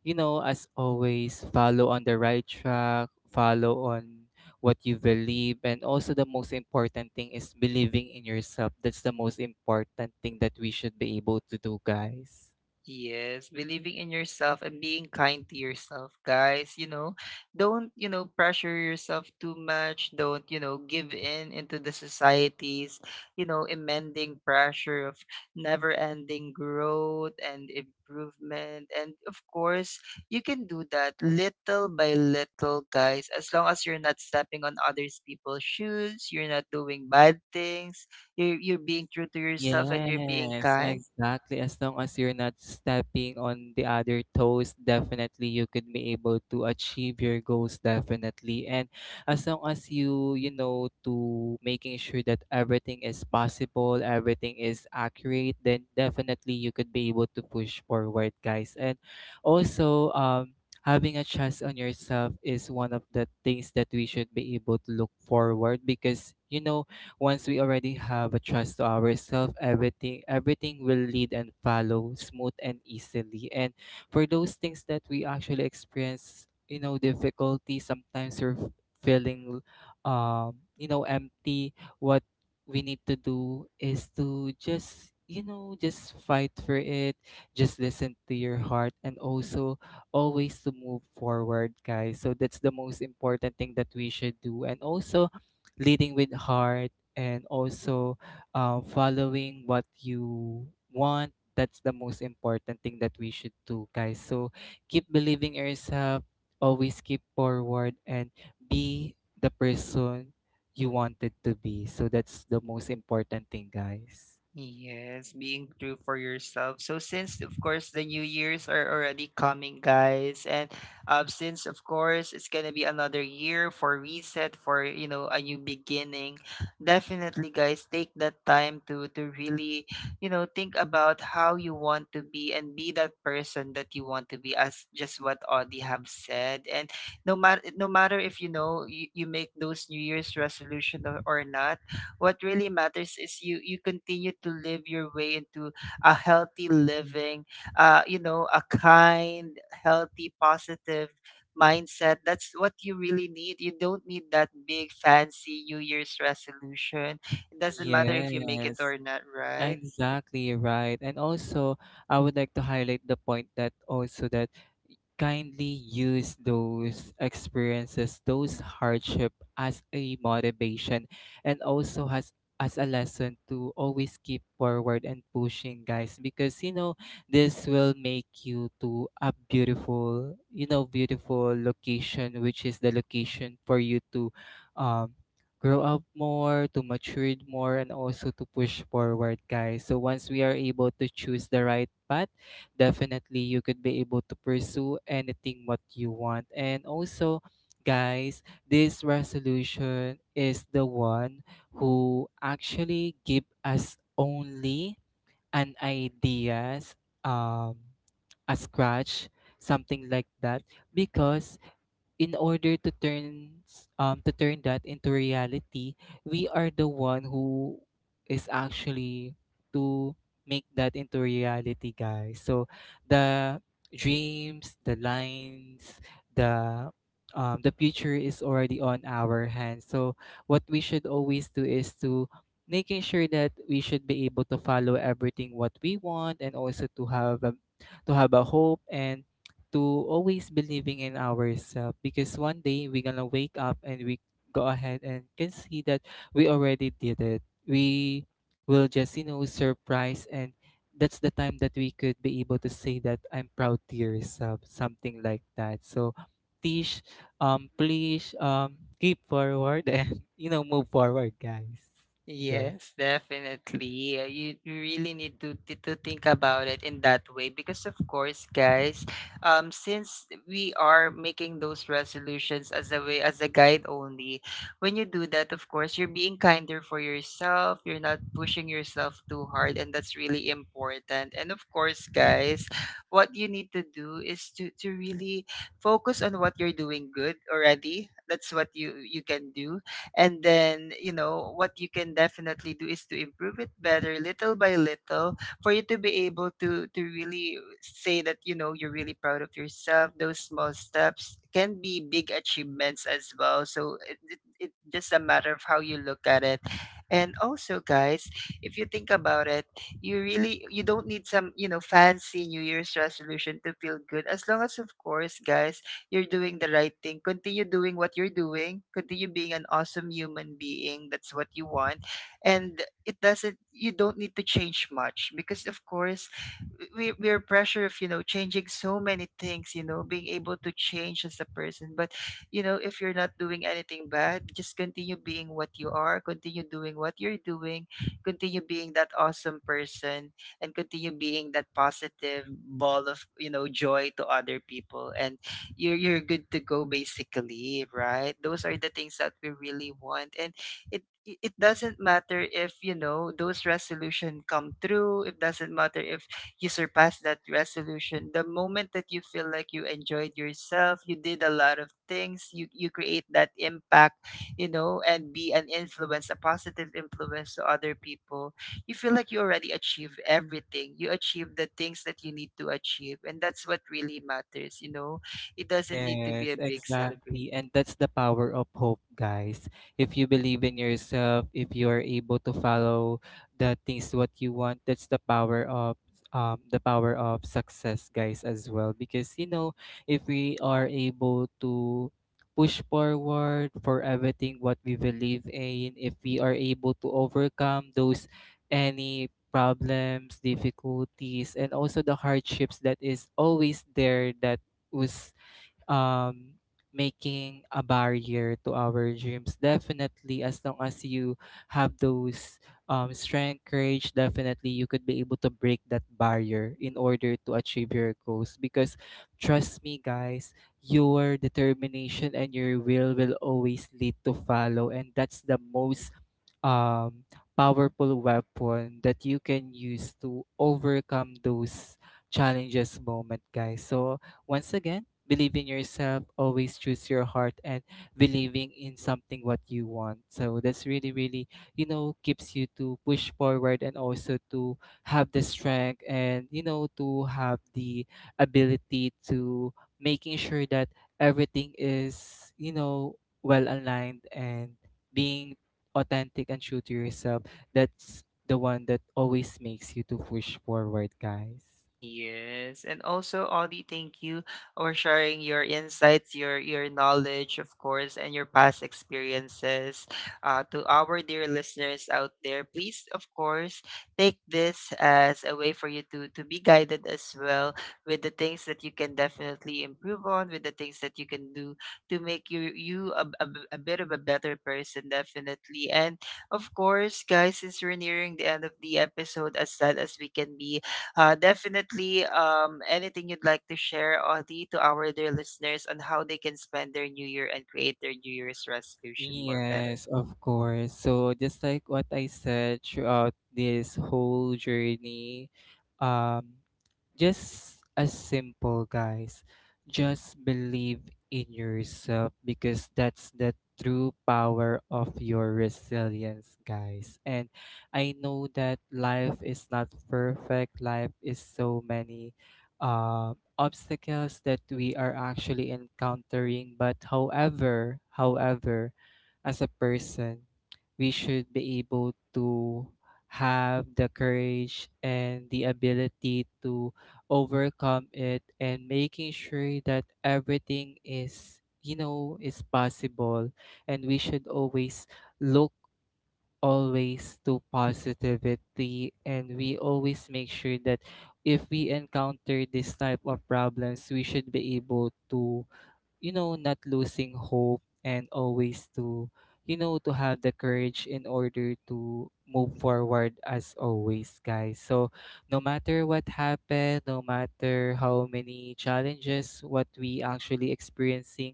you know, as always, follow on the right track, follow on what you believe, and also the most important thing is believing in yourself. That's the most important thing that we should be able to do, guys. Yes, believing in yourself and being kind to yourself, guys. You know, don't, you know, pressure yourself too much. Don't, you know, give in into the society's, you know, amending pressure of never ending growth and improvement. And of course, you can do that little by little, guys, as long as you're not stepping on others people's shoes, you're not doing bad things, you're, you're being true to yourself, and you're being Yes, kind. exactly. As long as you're not stepping on the other toes, definitely you could be able to achieve your goals, definitely. And as long as you, you know, to making sure that everything is possible, everything is accurate, then definitely you could be able to push forward, guys. And also, um, having a trust on yourself is one of the things that we should be able to look forward, because, you know, once we already have a trust to ourselves, everything everything will lead and follow smooth and easily. And for those things that we actually experience, you know, difficulty, sometimes you're f- feeling, um, you know, empty, what we need to do is to just, you know, just fight for it, just listen to your heart, and also always to move forward, guys. So that's the most important thing that we should do. And also, leading with heart, and also uh, following what you want. That's the most important thing that we should do, guys. So keep believing yourself, always keep forward, and be the person you wanted to be. So that's the most important thing, guys. Yes, being true for yourself. So since of course the new years are already coming, guys, and um, since of course it's gonna be another year for reset, for you know a new beginning, definitely, guys, take that time to to really, you know, think about how you want to be and be that person that you want to be, as just what Audie have said. And no matter no matter if you know you, you make those New Year's resolution, or, or not, what really matters is you you continue to live your way into a healthy living, uh you know, a kind, healthy, positive mindset. That's what you really need. You don't need that big fancy new year's resolution. It doesn't matter if you make it Yes. or not, right? Exactly right. And also, I would like to highlight the point that also that kindly use those experiences, those hardship as a motivation, and also has as a lesson to always keep forward and pushing, guys. Because you know, this will make you to a beautiful, you know, beautiful location, which is the location for you to um grow up more, to mature more, and also to push forward, guys. So once we are able to choose the right path, definitely you could be able to pursue anything what you want. And also, guys, this resolution is the one who actually give us only an ideas, um, a scratch, something like that, because in order to turn s- um to turn that into reality, we are the one who is actually to make that into reality, guys. So the dreams, the lines, the um, the future is already on our hands. So what we should always do is to making sure that we should be able to follow everything what we want, and also to have a, to have a hope, and to always believing in ourselves, because one day we're gonna wake up and we go ahead and can see that we already did it. We will just, you know, surprise, and that's the time that we could be able to say that I'm proud to yourself, something like that. So Tish, um please um keep forward and you know move forward, guys. Yes. Yes, definitely. Uh, You you really need to to to think about it in that way, because of course, guys, um since we are making those resolutions as a way, as a guide only, when you do that, of course, you're being kinder for yourself, you're not pushing yourself too hard, and that's really important. And of course, guys, what you need to do is to to really focus on what you're doing good already. That's what you you can do. And then, you know what you can definitely do is to improve it better little by little, for you to be able to to really say that, you know, you're really proud of yourself. Those small steps can be big achievements as well, so it, it, it just a matter of how you look at it. And also, guys, if you think about it, you really, you don't need some, you know, fancy new year's resolution to feel good, as long as, of course, guys, you're doing the right thing. Continue doing what you're doing. Continue being an awesome human being. That's what you want. And it doesn't, you don't need to change much, because of course, we, we're pressure of, you know, changing so many things, you know, being able to change as a person. But, you know, if you're not doing anything bad, just continue being what you are, continue doing what you're doing, continue being that awesome person, and continue being that positive ball of, you know, joy to other people. And you're you're good to go, basically, right? Those are the things that we really want. And it it it doesn't matter if, you know, those resolution come through. It doesn't matter if you surpass that resolution. The moment that you feel like you enjoyed yourself, you did a lot of things, you you create that impact, you know, and be an influence, a positive influence to other people. You feel like you already achieved everything. You achieved the things that you need to achieve, and that's what really matters, you know. It doesn't need to be Yes, a big celebration. exactly. And that's the power of hope, guys. If you believe in yourself, if you are able to follow the things what you want, that's the power of um the power of success, guys, as well. Because you know, if we are able to push forward for everything what we believe in, if we are able to overcome those any problems, difficulties, and also the hardships that is always there that was um, making a barrier to our dreams. Definitely, as long as you have those um, strength, courage, definitely you could be able to break that barrier in order to achieve your goals. Because trust me, guys, your determination and your will will always lead to follow. And that's the most um, powerful weapon that you can use to overcome those challenges moment, guys. So once again, believe in yourself, always choose your heart and believing in something what you want, so that's really, really, you know, keeps you to push forward, and also to have the strength, and you know, to have the ability to making sure that everything is, you know, well aligned and being authentic and true to yourself, that's the one that always makes you to push forward, guys. Yes, and also, Audie, thank you for sharing your insights, your your knowledge, of course, and your past experiences. Uh, to our dear listeners out there, please, of course, take this as a way for you to to be guided as well, with the things that you can definitely improve on, with the things that you can do to make you you a, a, a bit of a better person, definitely. And of course, guys, since we're nearing the end of the episode, as sad as we can be, uh, definitely, um, anything you'd like to share, Audie, to our dear listeners on how they can spend their New Year and create their New Year's resolution more better? Yes, of course. So just like what I said throughout this whole journey, um, just as simple, guys, just believe in yourself, because that's the true power of your resilience, guys. And I know that life is not perfect, life is so many uh, obstacles that we are actually encountering. But however however, as a person, we should be able to have the courage and the ability to overcome it, and making sure that everything is, you know, is possible. And we should always look always to positivity, and we always make sure that if we encounter this type of problems, we should be able to, you know, not losing hope, and always to, you know, to have the courage in order to move forward as always, guys. So no matter what happened, no matter how many challenges what we actually experiencing,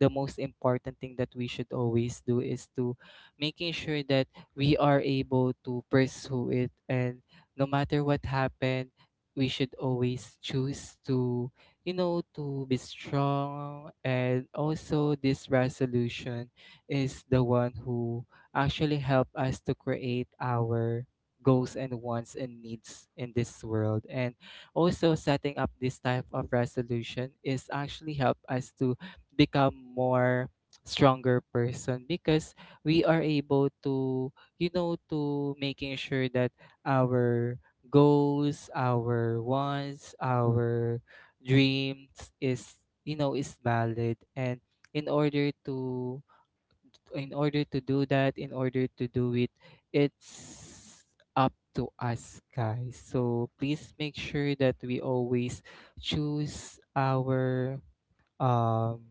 the most important thing that we should always do is to making sure that we are able to pursue it, and no matter what happened, we should always choose to, you know, to be strong. And also, this resolution is the one who actually help us to create our goals and wants and needs in this world. And also setting up this type of resolution is actually help us to become more stronger person, because we are able to, you know, to making sure that our goals, our wants, our dreams is, you know, is valid. And in order to in order to do that in order to do it, it's up to us, guys. So please make sure that we always choose our um,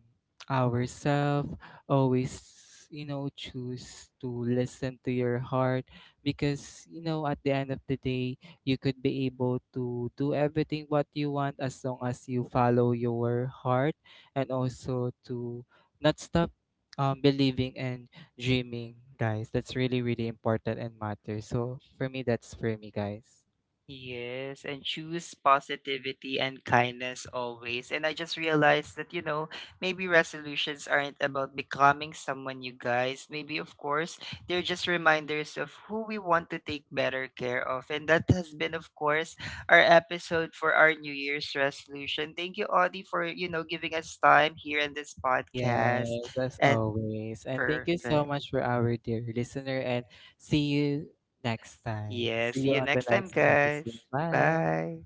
ourselves, always, you know, choose to listen to your heart. Because, you know, at the end of the day, you could be able to do everything what you want as long as you follow your heart, and also to not stop um, believing and dreaming, guys. That's really, really important and matters. So for me, that's for me, guys. Yes, and choose positivity and kindness always. And I just realized that, you know, maybe resolutions aren't about becoming someone, you guys. Maybe, of course, they're just reminders of who we want to take better care of. And that has been, of course, our episode for our New Year's resolution. Thank you, Audie, for, you know, giving us time here in this podcast. Yes, as And always. And thank you so perfect. much for our dear listener, and see you next time. Yes, See see you you on the next time, next episode. guys. Bye. Bye.